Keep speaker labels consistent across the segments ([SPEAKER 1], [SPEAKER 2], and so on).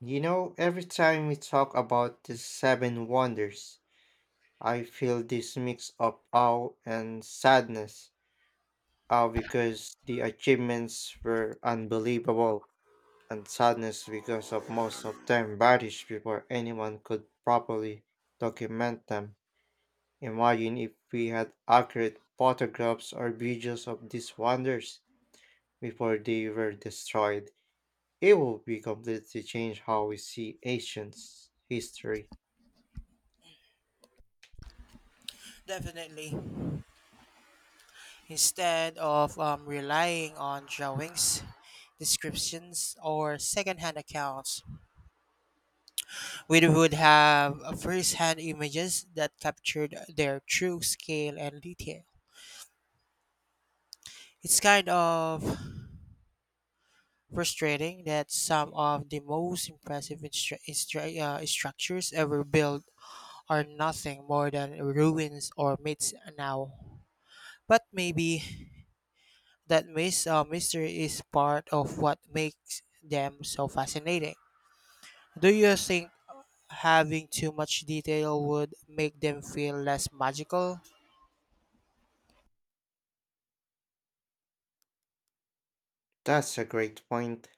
[SPEAKER 1] You know, every time we talk about the seven wonders, I feel this mix of awe and sadness. Awe because the achievements were unbelievable, and sadness because of most of them vanished before anyone could properly document them. Imagine if we had accurate photographs or videos of these wonders before they were destroyed. It would be completely change how we see ancient history.
[SPEAKER 2] Definitely. Instead of relying on drawings, descriptions, or second-hand accounts, we would have first-hand images that captured their true scale and detail. It's kind of frustrating that some of the most impressive structures ever built are nothing more than ruins or myths now. But maybe that mystery is part of what makes them so fascinating. Do you think having too much detail would make them feel less magical?
[SPEAKER 1] That's a great point.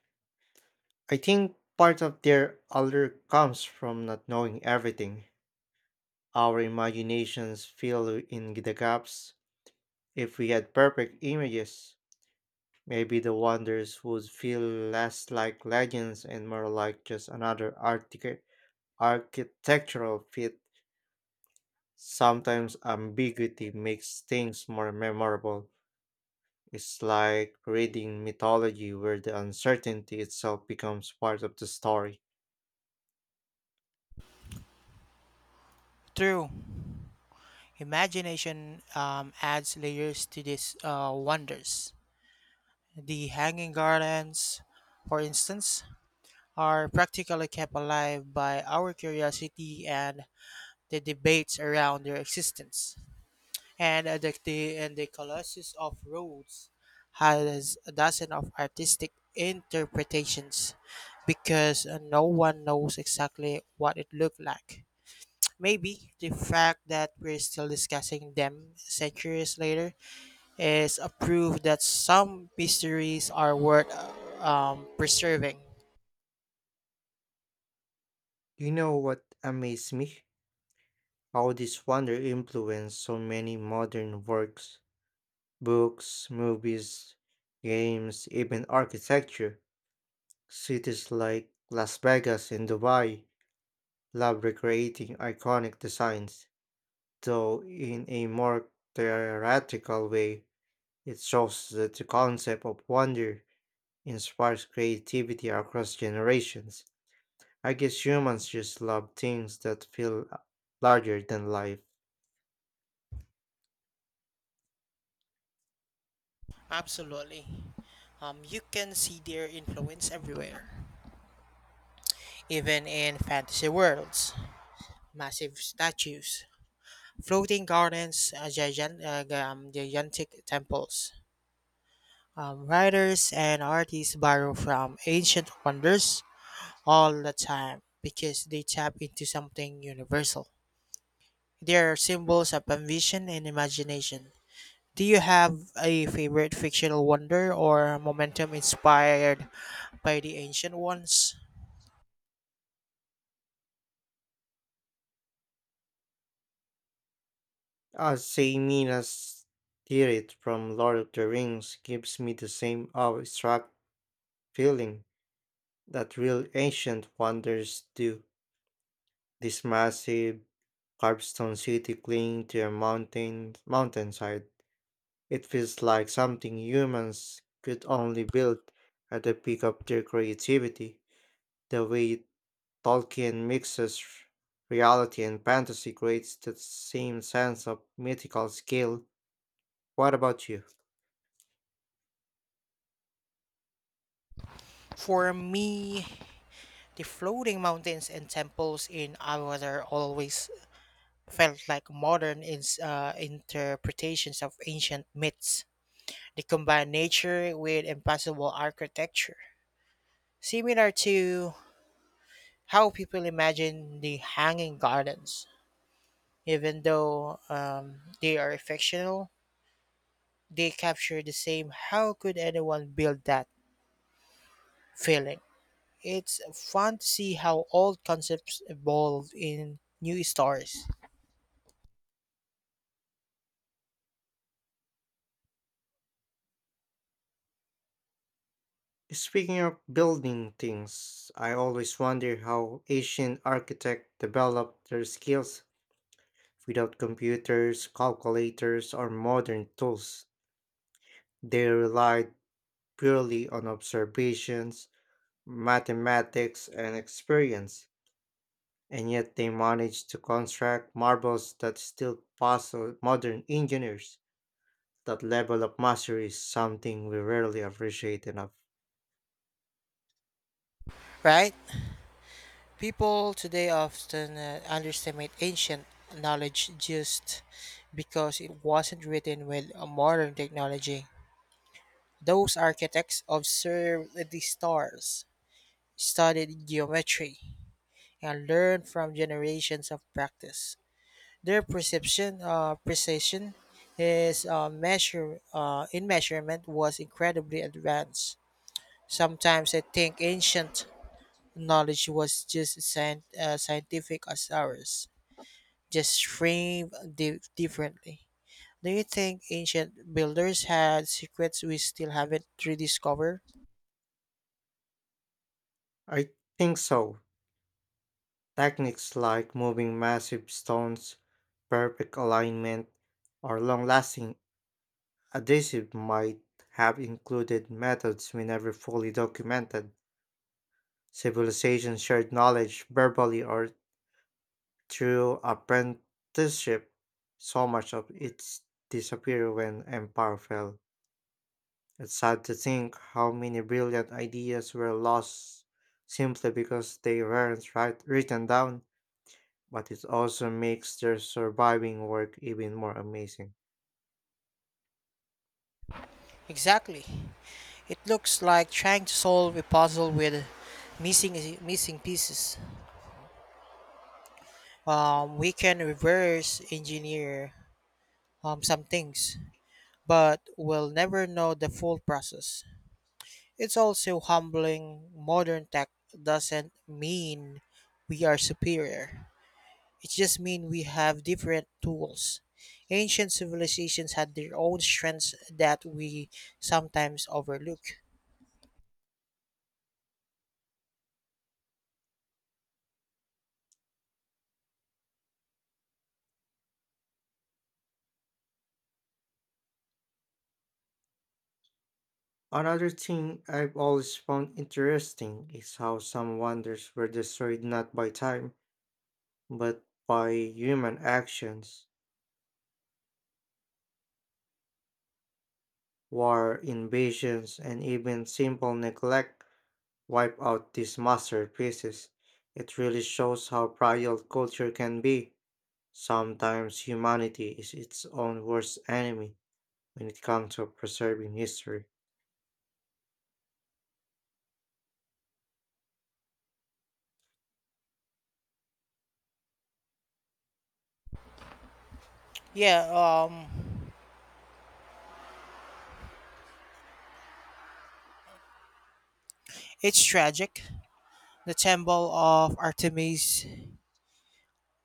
[SPEAKER 1] I think part of their allure comes from not knowing everything. Our imaginations fill in the gaps. If we had perfect images, maybe the wonders would feel less like legends and more like just another architectural feat. Sometimes ambiguity makes things more memorable. It's like reading mythology where the uncertainty itself becomes part of the story.
[SPEAKER 2] True. Imagination adds layers to these wonders. The hanging gardens, for instance, are practically kept alive by our curiosity and the debates around their existence. And the Colossus of Rhodes has a dozen of artistic interpretations because no one knows exactly what it looked like. Maybe the fact that we're still discussing them centuries later is a proof that some mysteries are worth preserving.
[SPEAKER 1] You know what amazed me? How this wonder influenced so many modern works, books, movies, games, even architecture. Cities like Las Vegas and Dubai love recreating iconic designs, though in a more theoretical way. It shows that the concept of wonder inspires creativity across generations. I guess humans just love things that feel larger than life.
[SPEAKER 2] Absolutely. You can see their influence everywhere, even in fantasy worlds. Massive statues, floating gardens, gigantic temples. Writers and artists borrow from ancient wonders all the time because they tap into something universal. They are symbols of ambition and imagination. Do you have a favorite fictional wonder or momentum inspired by the ancient ones?
[SPEAKER 1] Ah, Minas Tirith from Lord of the Rings gives me the same awe-struck feeling that real ancient wonders do. This massive carved stone city clinging to a mountainside. It feels like something humans could only build at the peak of their creativity. The way Tolkien mixes reality and fantasy creates that same sense of mythical scale. What about you?
[SPEAKER 2] For me, the floating mountains and temples in Awadar always felt like modern interpretations of ancient myths. They combine nature with impossible architecture, similar to how people imagine the Hanging Gardens. Even though they are fictional, they capture the same how could anyone build that feeling. It's fun to see how old concepts evolve in new stories,
[SPEAKER 1] Speaking of building things, I always wonder how ancient architects developed their skills without computers, calculators, or modern tools. They relied purely on observations, mathematics, and experience, and yet they managed to construct marvels that still puzzle modern engineers. That level of mastery is something we rarely appreciate enough.
[SPEAKER 2] right? People today often underestimate ancient knowledge just because it wasn't written with a modern technology. Those architects observed the stars, studied geometry, and learned from generations of practice. Their precision, is measure in measurement was incredibly advanced. Sometimes I think ancient knowledge was just scientific as ours just framed differently. Do you think ancient builders had secrets we still haven't rediscovered?
[SPEAKER 1] I think so. Techniques like moving massive stones, perfect alignment, or long lasting adhesive might have included methods we never fully documented. Civilizations shared knowledge verbally or through apprenticeship. So much of it disappeared when empire fell. It's sad to think how many brilliant ideas were lost simply because they weren't write- written down. But it also makes their surviving work even more amazing.
[SPEAKER 2] Exactly. It looks like trying to solve a puzzle with missing missing pieces. We can reverse engineer some things, but we'll never know the full process. It's also humbling. Modern tech doesn't mean we are superior. It just means we have different tools. Ancient civilizations had their own strengths that we sometimes overlook.
[SPEAKER 1] Another thing I've always found interesting is how some wonders were destroyed not by time, but by human actions. War, invasions, and even simple neglect wipe out these masterpieces. It really shows how fragile culture can be. Sometimes humanity is its own worst enemy when it comes to preserving history.
[SPEAKER 2] Yeah, it's tragic. The temple of Artemis,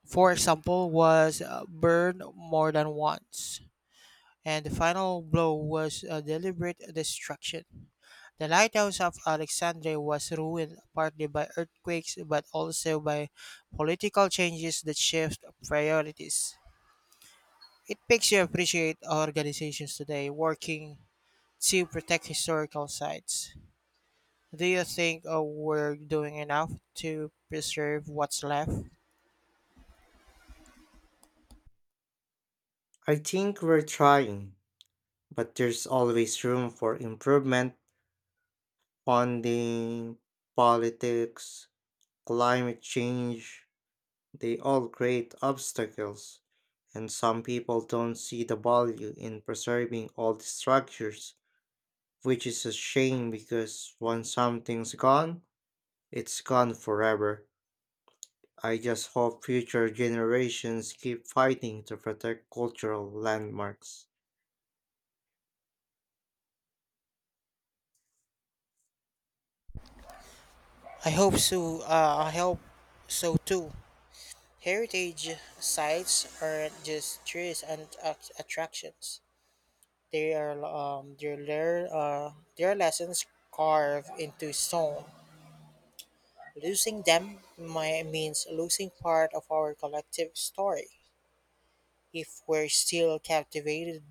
[SPEAKER 2] for example, was burned more than once, and the final blow was a deliberate destruction. The lighthouse of Alexandria was ruined partly by earthquakes but also by political changes that shift priorities. It makes you appreciate organizations today working to protect historical sites. Do you think we're doing enough to preserve what's left?
[SPEAKER 1] I think we're trying, but there's always room for improvement, funding, politics, climate change, they all create obstacles. And some people don't see the value in preserving old structures, which is a shame because once something's gone, it's gone forever. I just hope future generations keep fighting to protect cultural landmarks.
[SPEAKER 2] I hope so. I hope so too. Heritage sites aren't just tourist and attractions. They're their lessons carved into stone. Losing them might means losing part of our collective story. If we're still captivated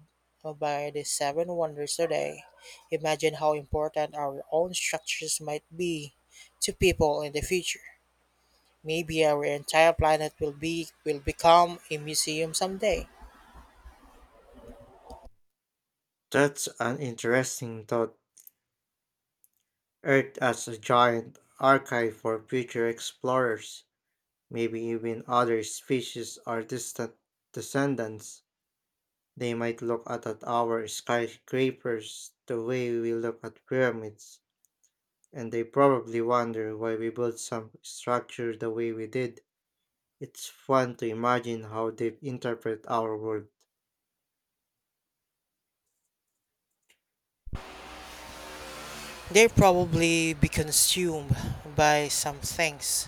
[SPEAKER 2] by the seven wonders today, imagine how important our own structures might be to people in the future. Maybe our entire planet will become a museum someday.
[SPEAKER 1] That's an interesting thought. Earth as a giant archive for future explorers. Maybe even other species are distant descendants. They might look at our skyscrapers the way we look at pyramids, and they probably wonder why we built some structure the way we did. It's fun to imagine how they interpret our world.
[SPEAKER 2] They'll probably be consumed by some things,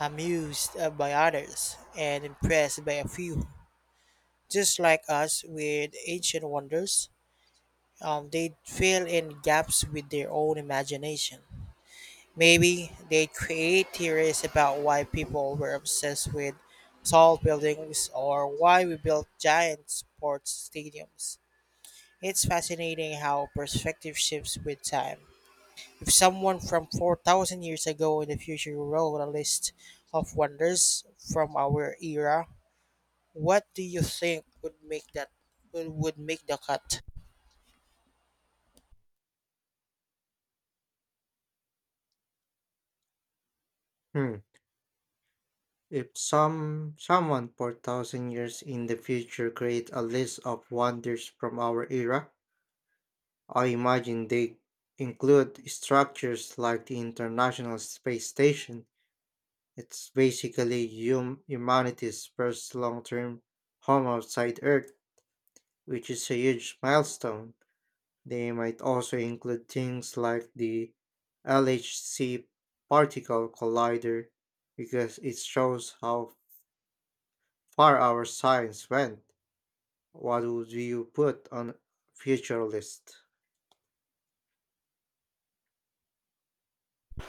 [SPEAKER 2] amused by others, and impressed by a few. Just like us with ancient wonders, they fill in gaps with their own imagination. Maybe they'd create theories about why people were obsessed with tall buildings or why we built giant sports stadiums. It's fascinating how perspective shifts with time. If someone from 4,000 years ago in the future wrote a list of wonders from our era, what do you think would make that would make the cut?
[SPEAKER 1] Hmm. If someone 4,000 years in the future create a list of wonders from our era, I imagine they include structures like the International Space Station. It's basically humanity's first long term home outside Earth, which is a huge milestone. They might also include things like the LHC Particle Collider because it shows how far our science went. What would you put on future list?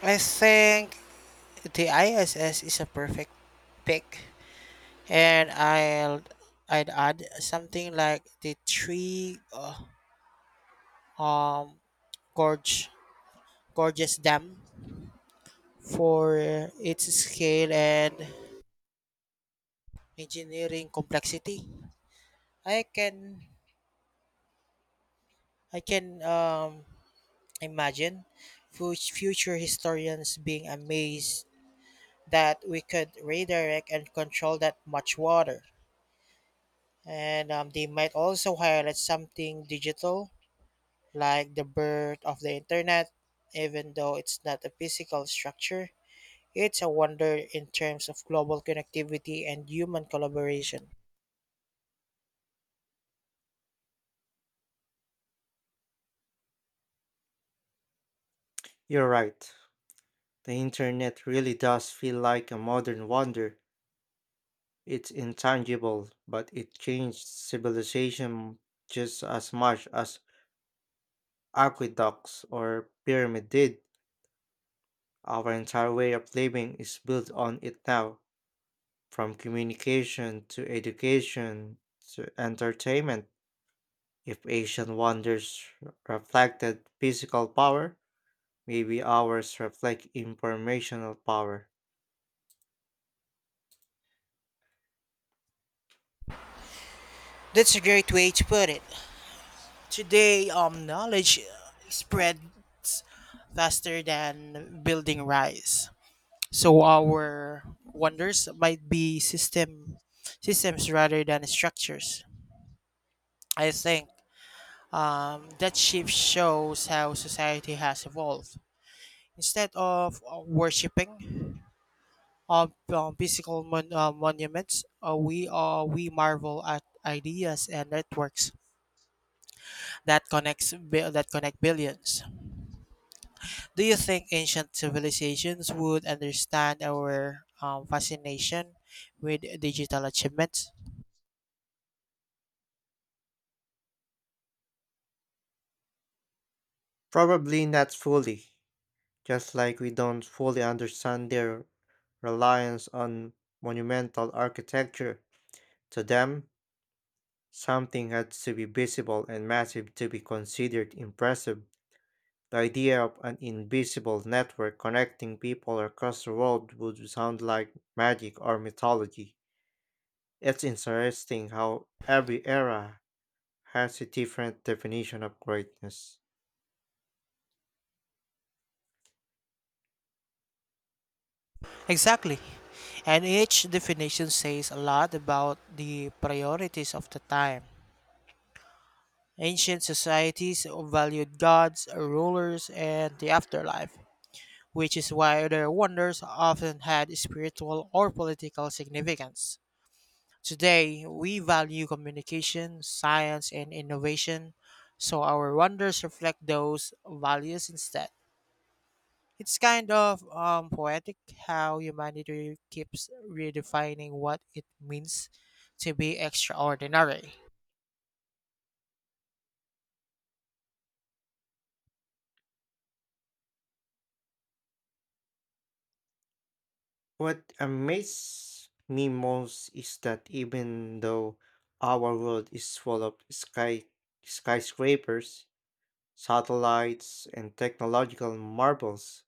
[SPEAKER 2] I think the ISS is a perfect pick. And I'd add something like the three um gorge gorgeous dam for its scale and engineering complexity. I can I can imagine future historians being amazed that we could redirect and control that much water. And they might also highlight something digital like the birth of the internet, even though it's not a physical structure, it's a wonder in terms of global connectivity and human collaboration.
[SPEAKER 1] You're right. The internet really does feel like a modern wonder. It's intangible, but it changed civilization just as much as aqueducts or pyramid did. Our entire way of living is built on it now, from communication to education to entertainment. If Asian wonders reflected physical power, maybe ours reflect informational power.
[SPEAKER 2] That's a great way to put it. Today, knowledge spreads faster than building rise. So our wonders might be systems rather than structures. I think that shift shows how society has evolved. Instead of worshiping uh, physical monuments, we marvel at ideas and networks that connect billions. Do you think ancient civilizations would understand our fascination with digital achievements?
[SPEAKER 1] Probably not fully, just like we don't fully understand their reliance on monumental architecture. To them, something had to be visible and massive to be considered impressive. The idea of an invisible network connecting people across the world would sound like magic or mythology. It's interesting how every era has a different definition of greatness.
[SPEAKER 2] Exactly. And each definition says a lot about the priorities of the time. Ancient societies valued gods, rulers, and the afterlife, which is why their wonders often had spiritual or political significance. Today, we value communication, science, and innovation, so our wonders reflect those values instead. It's kind of poetic how humanity keeps redefining what it means to be extraordinary.
[SPEAKER 1] What amazes me most is that even though our world is full of skyscrapers, satellites, and technological marvels,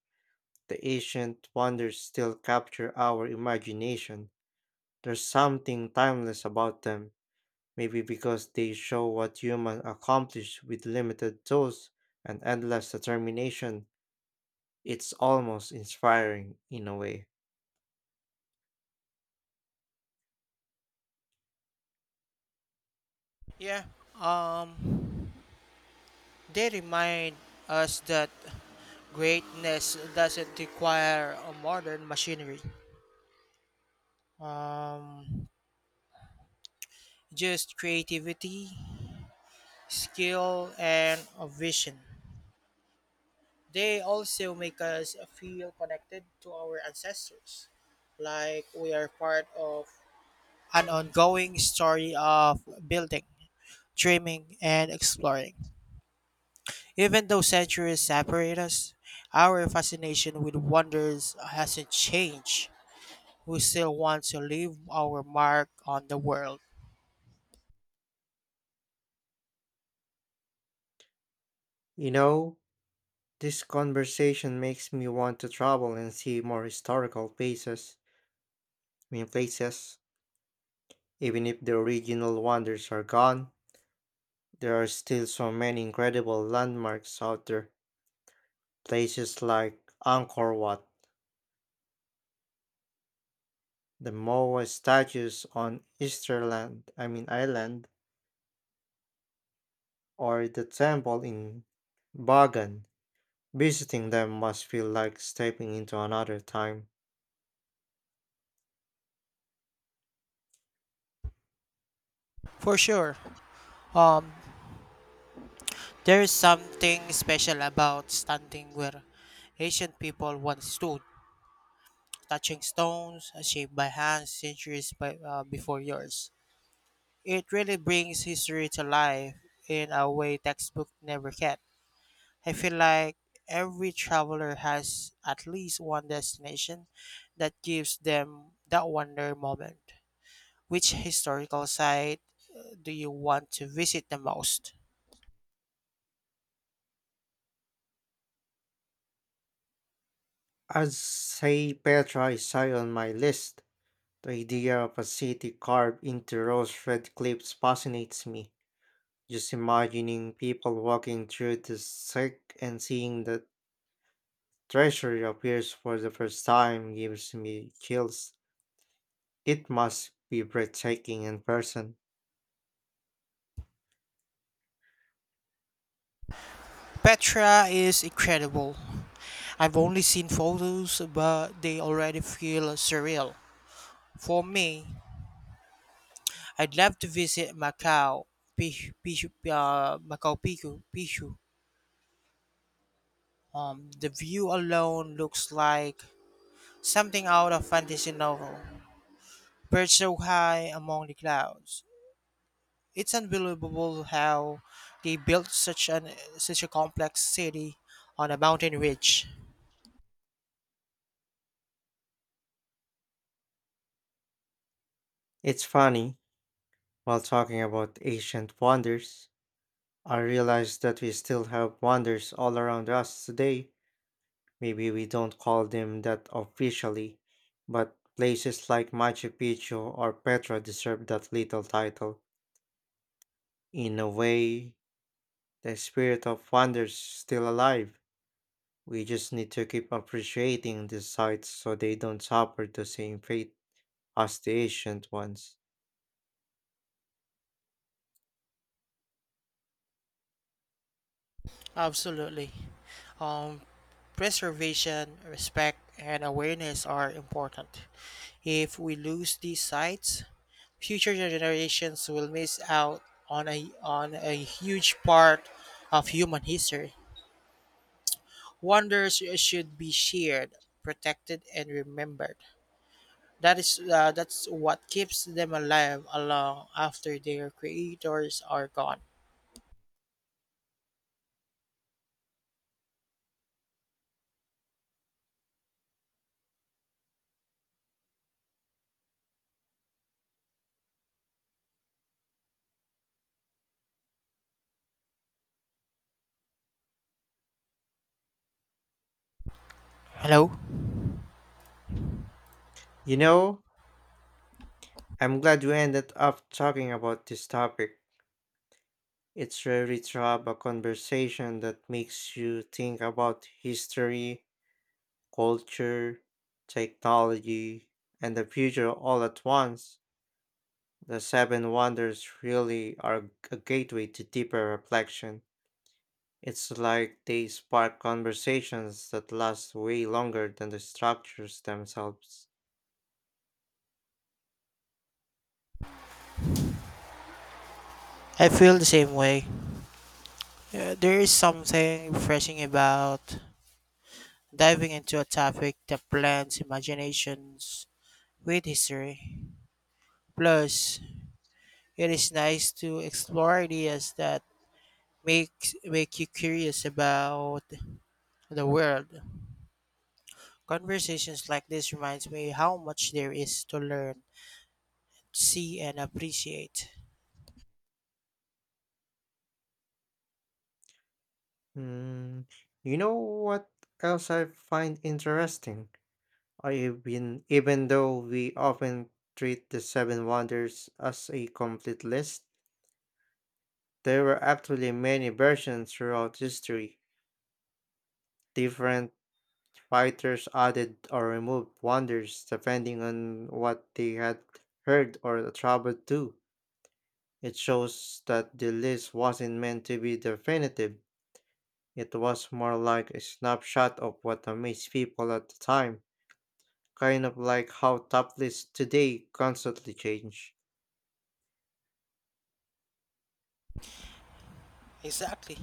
[SPEAKER 1] the ancient wonders still capture our imagination. There's something timeless about them, maybe because they show what humans accomplish with limited tools and endless determination. It's almost inspiring in a way.
[SPEAKER 2] Yeah, um, they remind us that greatness doesn't require a modern machinery. um, just creativity, skill, and a vision. They also make us feel connected to our ancestors, like we are part of an ongoing story of building, dreaming, and exploring. Even though centuries separate us, our fascination with wonders hasn't changed. We still want to leave our mark on the world.
[SPEAKER 1] You know, this conversation makes me want to travel and see more historical places. I mean, places. Even if the original wonders are gone, there are still so many incredible landmarks out there. Places like Angkor Wat, the Moa statues on Easterland, I mean Island, or the temple in Bagan. Visiting them must feel like stepping into another time.
[SPEAKER 2] For sure, um, There's something special about standing where ancient people once stood, touching stones shaped by hands centuries before yours. It really brings history to life in a way textbook never can. I feel like every traveler has at least one destination that gives them that wonder moment. Which historical site do you want to visit the most?
[SPEAKER 1] I'd say Petra is high on my list. The idea of a city carved into rose red cliffs fascinates me. Just imagining people walking through the thick and seeing the treasure appears for the first time gives me chills. It must be breathtaking in person.
[SPEAKER 2] Petra is incredible. I've only seen photos, but they already feel surreal. For me, I'd love to visit Macau Pichu, Pichu. The view alone looks like something out of fantasy novel. Perched so high among the clouds, it's unbelievable how they built such a complex city on a mountain ridge.
[SPEAKER 1] It's funny, while talking about ancient wonders, I realize that we still have wonders all around us today. Maybe we don't call them that officially, but places like Machu Picchu or Petra deserve that little title. In a way, the spirit of wonder's still alive. We just need to keep appreciating these sites so they don't suffer the same fate as the ancient ones.
[SPEAKER 2] Absolutely. Um, Preservation, respect, and awareness are important. If we lose these sites, future generations will miss out on on a huge part of human history. Wonders should be shared, protected, and remembered. That's what keeps them alive along after their creators are gone. Hello,
[SPEAKER 1] You know, I'm glad we ended up talking about this topic. It's really to have a conversation that makes you think about history, culture, technology, and the future all at once, the Seven Wonders really are a gateway to deeper reflection. It's like they spark conversations that last way longer than the structures themselves.
[SPEAKER 2] I feel the same way. There is something refreshing about diving into a topic that blends imaginations with history. Plus, it is nice to explore ideas that make you curious about the world. Conversations like this reminds me how much there is to learn, see, and appreciate.
[SPEAKER 1] Mm, you know what else I find interesting? Even though we often treat the Seven Wonders as a complete list, there were actually many versions throughout history. Different fighters added or removed wonders depending on what they had heard or traveled to. It shows that the list wasn't meant to be definitive. It was more like a snapshot of what amazed people at the time, kind of like how top lists today constantly change.
[SPEAKER 2] Exactly.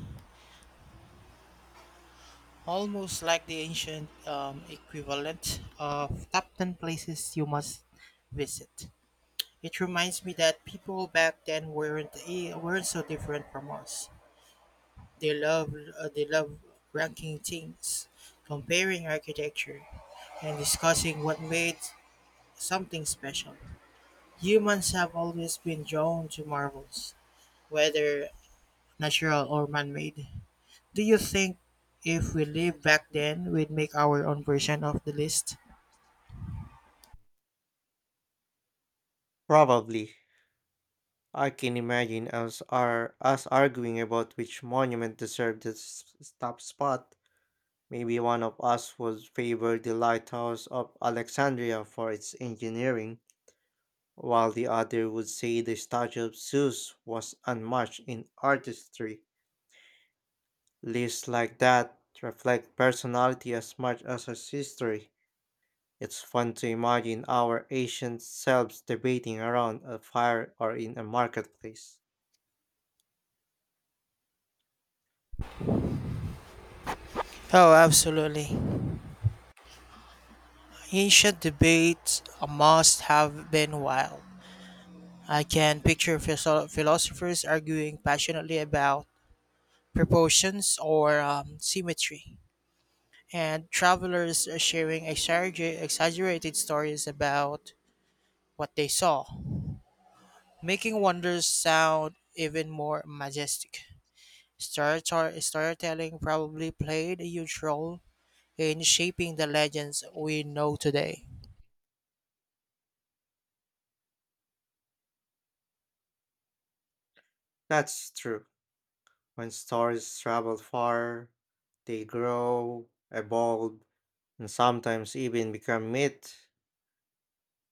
[SPEAKER 2] Almost like the ancient equivalent of top 10 places you must visit. It reminds me that people back then weren't so different from us. They love ranking things, comparing architecture, and discussing what made something special. Humans have always been drawn to marvels, whether natural or man-made. Do you think if we live back then, we'd make our own version of the list?
[SPEAKER 1] Probably. I can imagine us arguing about which monument deserved the top spot. Maybe one of us would favor the lighthouse of Alexandria for its engineering, while the other would say the statue of Zeus was unmatched in artistry. Lists like that reflect personality as much as its history. It's fun to imagine our ancient selves debating around a fire or in a marketplace.
[SPEAKER 2] Oh, absolutely. Ancient debates must have been wild. I can picture philosophers arguing passionately about proportions or symmetry. And travelers are sharing exaggerated stories about what they saw, making wonders sound even more majestic. Storytelling probably played a huge role in shaping the legends we know today.
[SPEAKER 1] That's true. When stories travel far, they grow, evolve, and sometimes even become myth.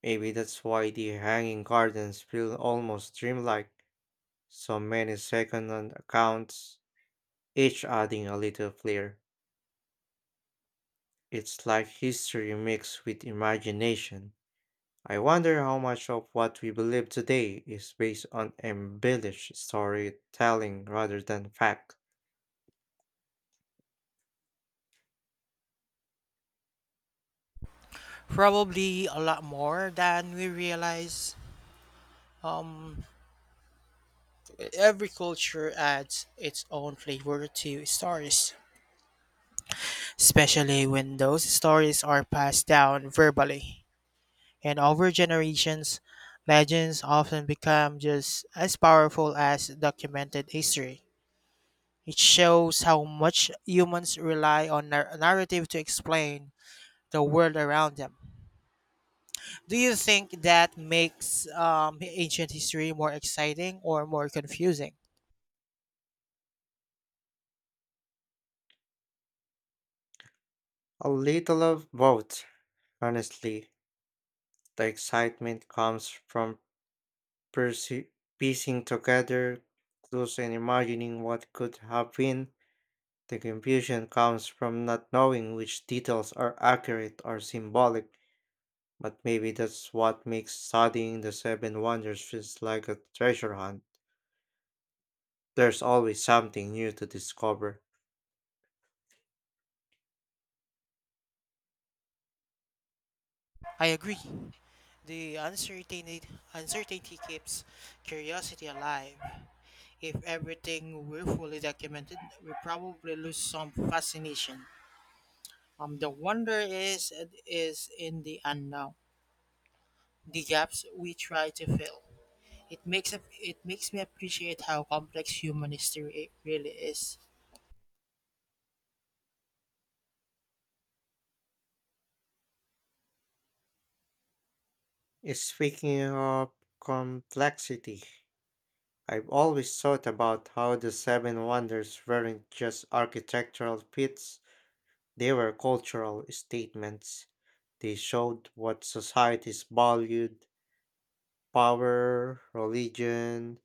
[SPEAKER 1] Maybe that's why the hanging gardens feel almost dreamlike, so many second-hand accounts, each adding a little flair. It's like history mixed with imagination. I wonder how much of what we believe today is based on embellished storytelling rather than fact.
[SPEAKER 2] Probably a lot more than we realize. Um, every culture adds its own flavor to stories especially when those stories are passed down verbally. And over generations, legends often become just as powerful as documented history. It shows how much humans rely on narrative to explain the world around them. Do you think that makes ancient history more exciting or more confusing?
[SPEAKER 1] A little of both, honestly. The excitement comes from perce- piecing together clues and imagining what could have been. The confusion comes from not knowing which details are accurate or symbolic, but maybe that's what makes studying the Seven Wonders feels like a treasure hunt. There's always something new to discover.
[SPEAKER 2] I agree. The uncertainty keeps curiosity alive. If everything were fully documented, we probably lose some fascination. Um, the wonder is in the unknown, the gaps we try to fill. It makes me appreciate how complex human history really is.
[SPEAKER 1] Eh, speaking of complexity, I've always thought about how the Seven Wonders weren't just architectural feats, they were cultural statements. They showed what societies valued power, religion,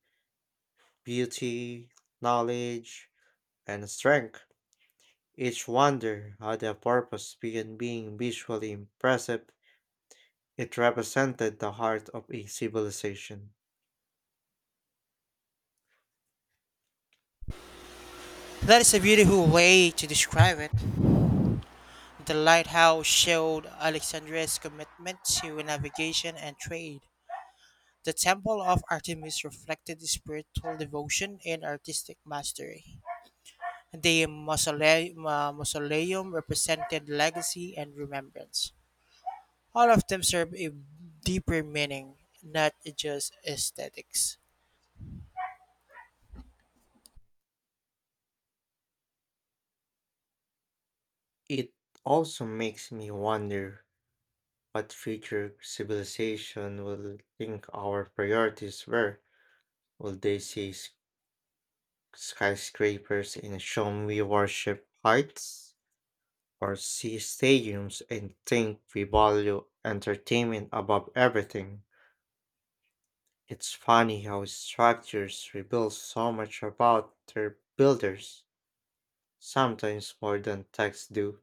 [SPEAKER 1] beauty, knowledge, and strength. Each wonder had a purpose beyond being visually impressive. It represented the heart of a civilization.
[SPEAKER 2] That is a beautiful way to describe it. The lighthouse showed Alexandria's commitment to navigation and trade. The temple of Artemis reflected his spiritual devotion and artistic mastery. The mausoleum represented legacy and remembrance. All of them serve a deeper meaning, not just aesthetics.
[SPEAKER 1] It also makes me wonder what future civilization will think our priorities were. Will they see skyscrapers and show we worship heights? Or see stadiums and think we value entertainment above everything? It's funny how structures reveal so much about their builders, sometimes more than texts do.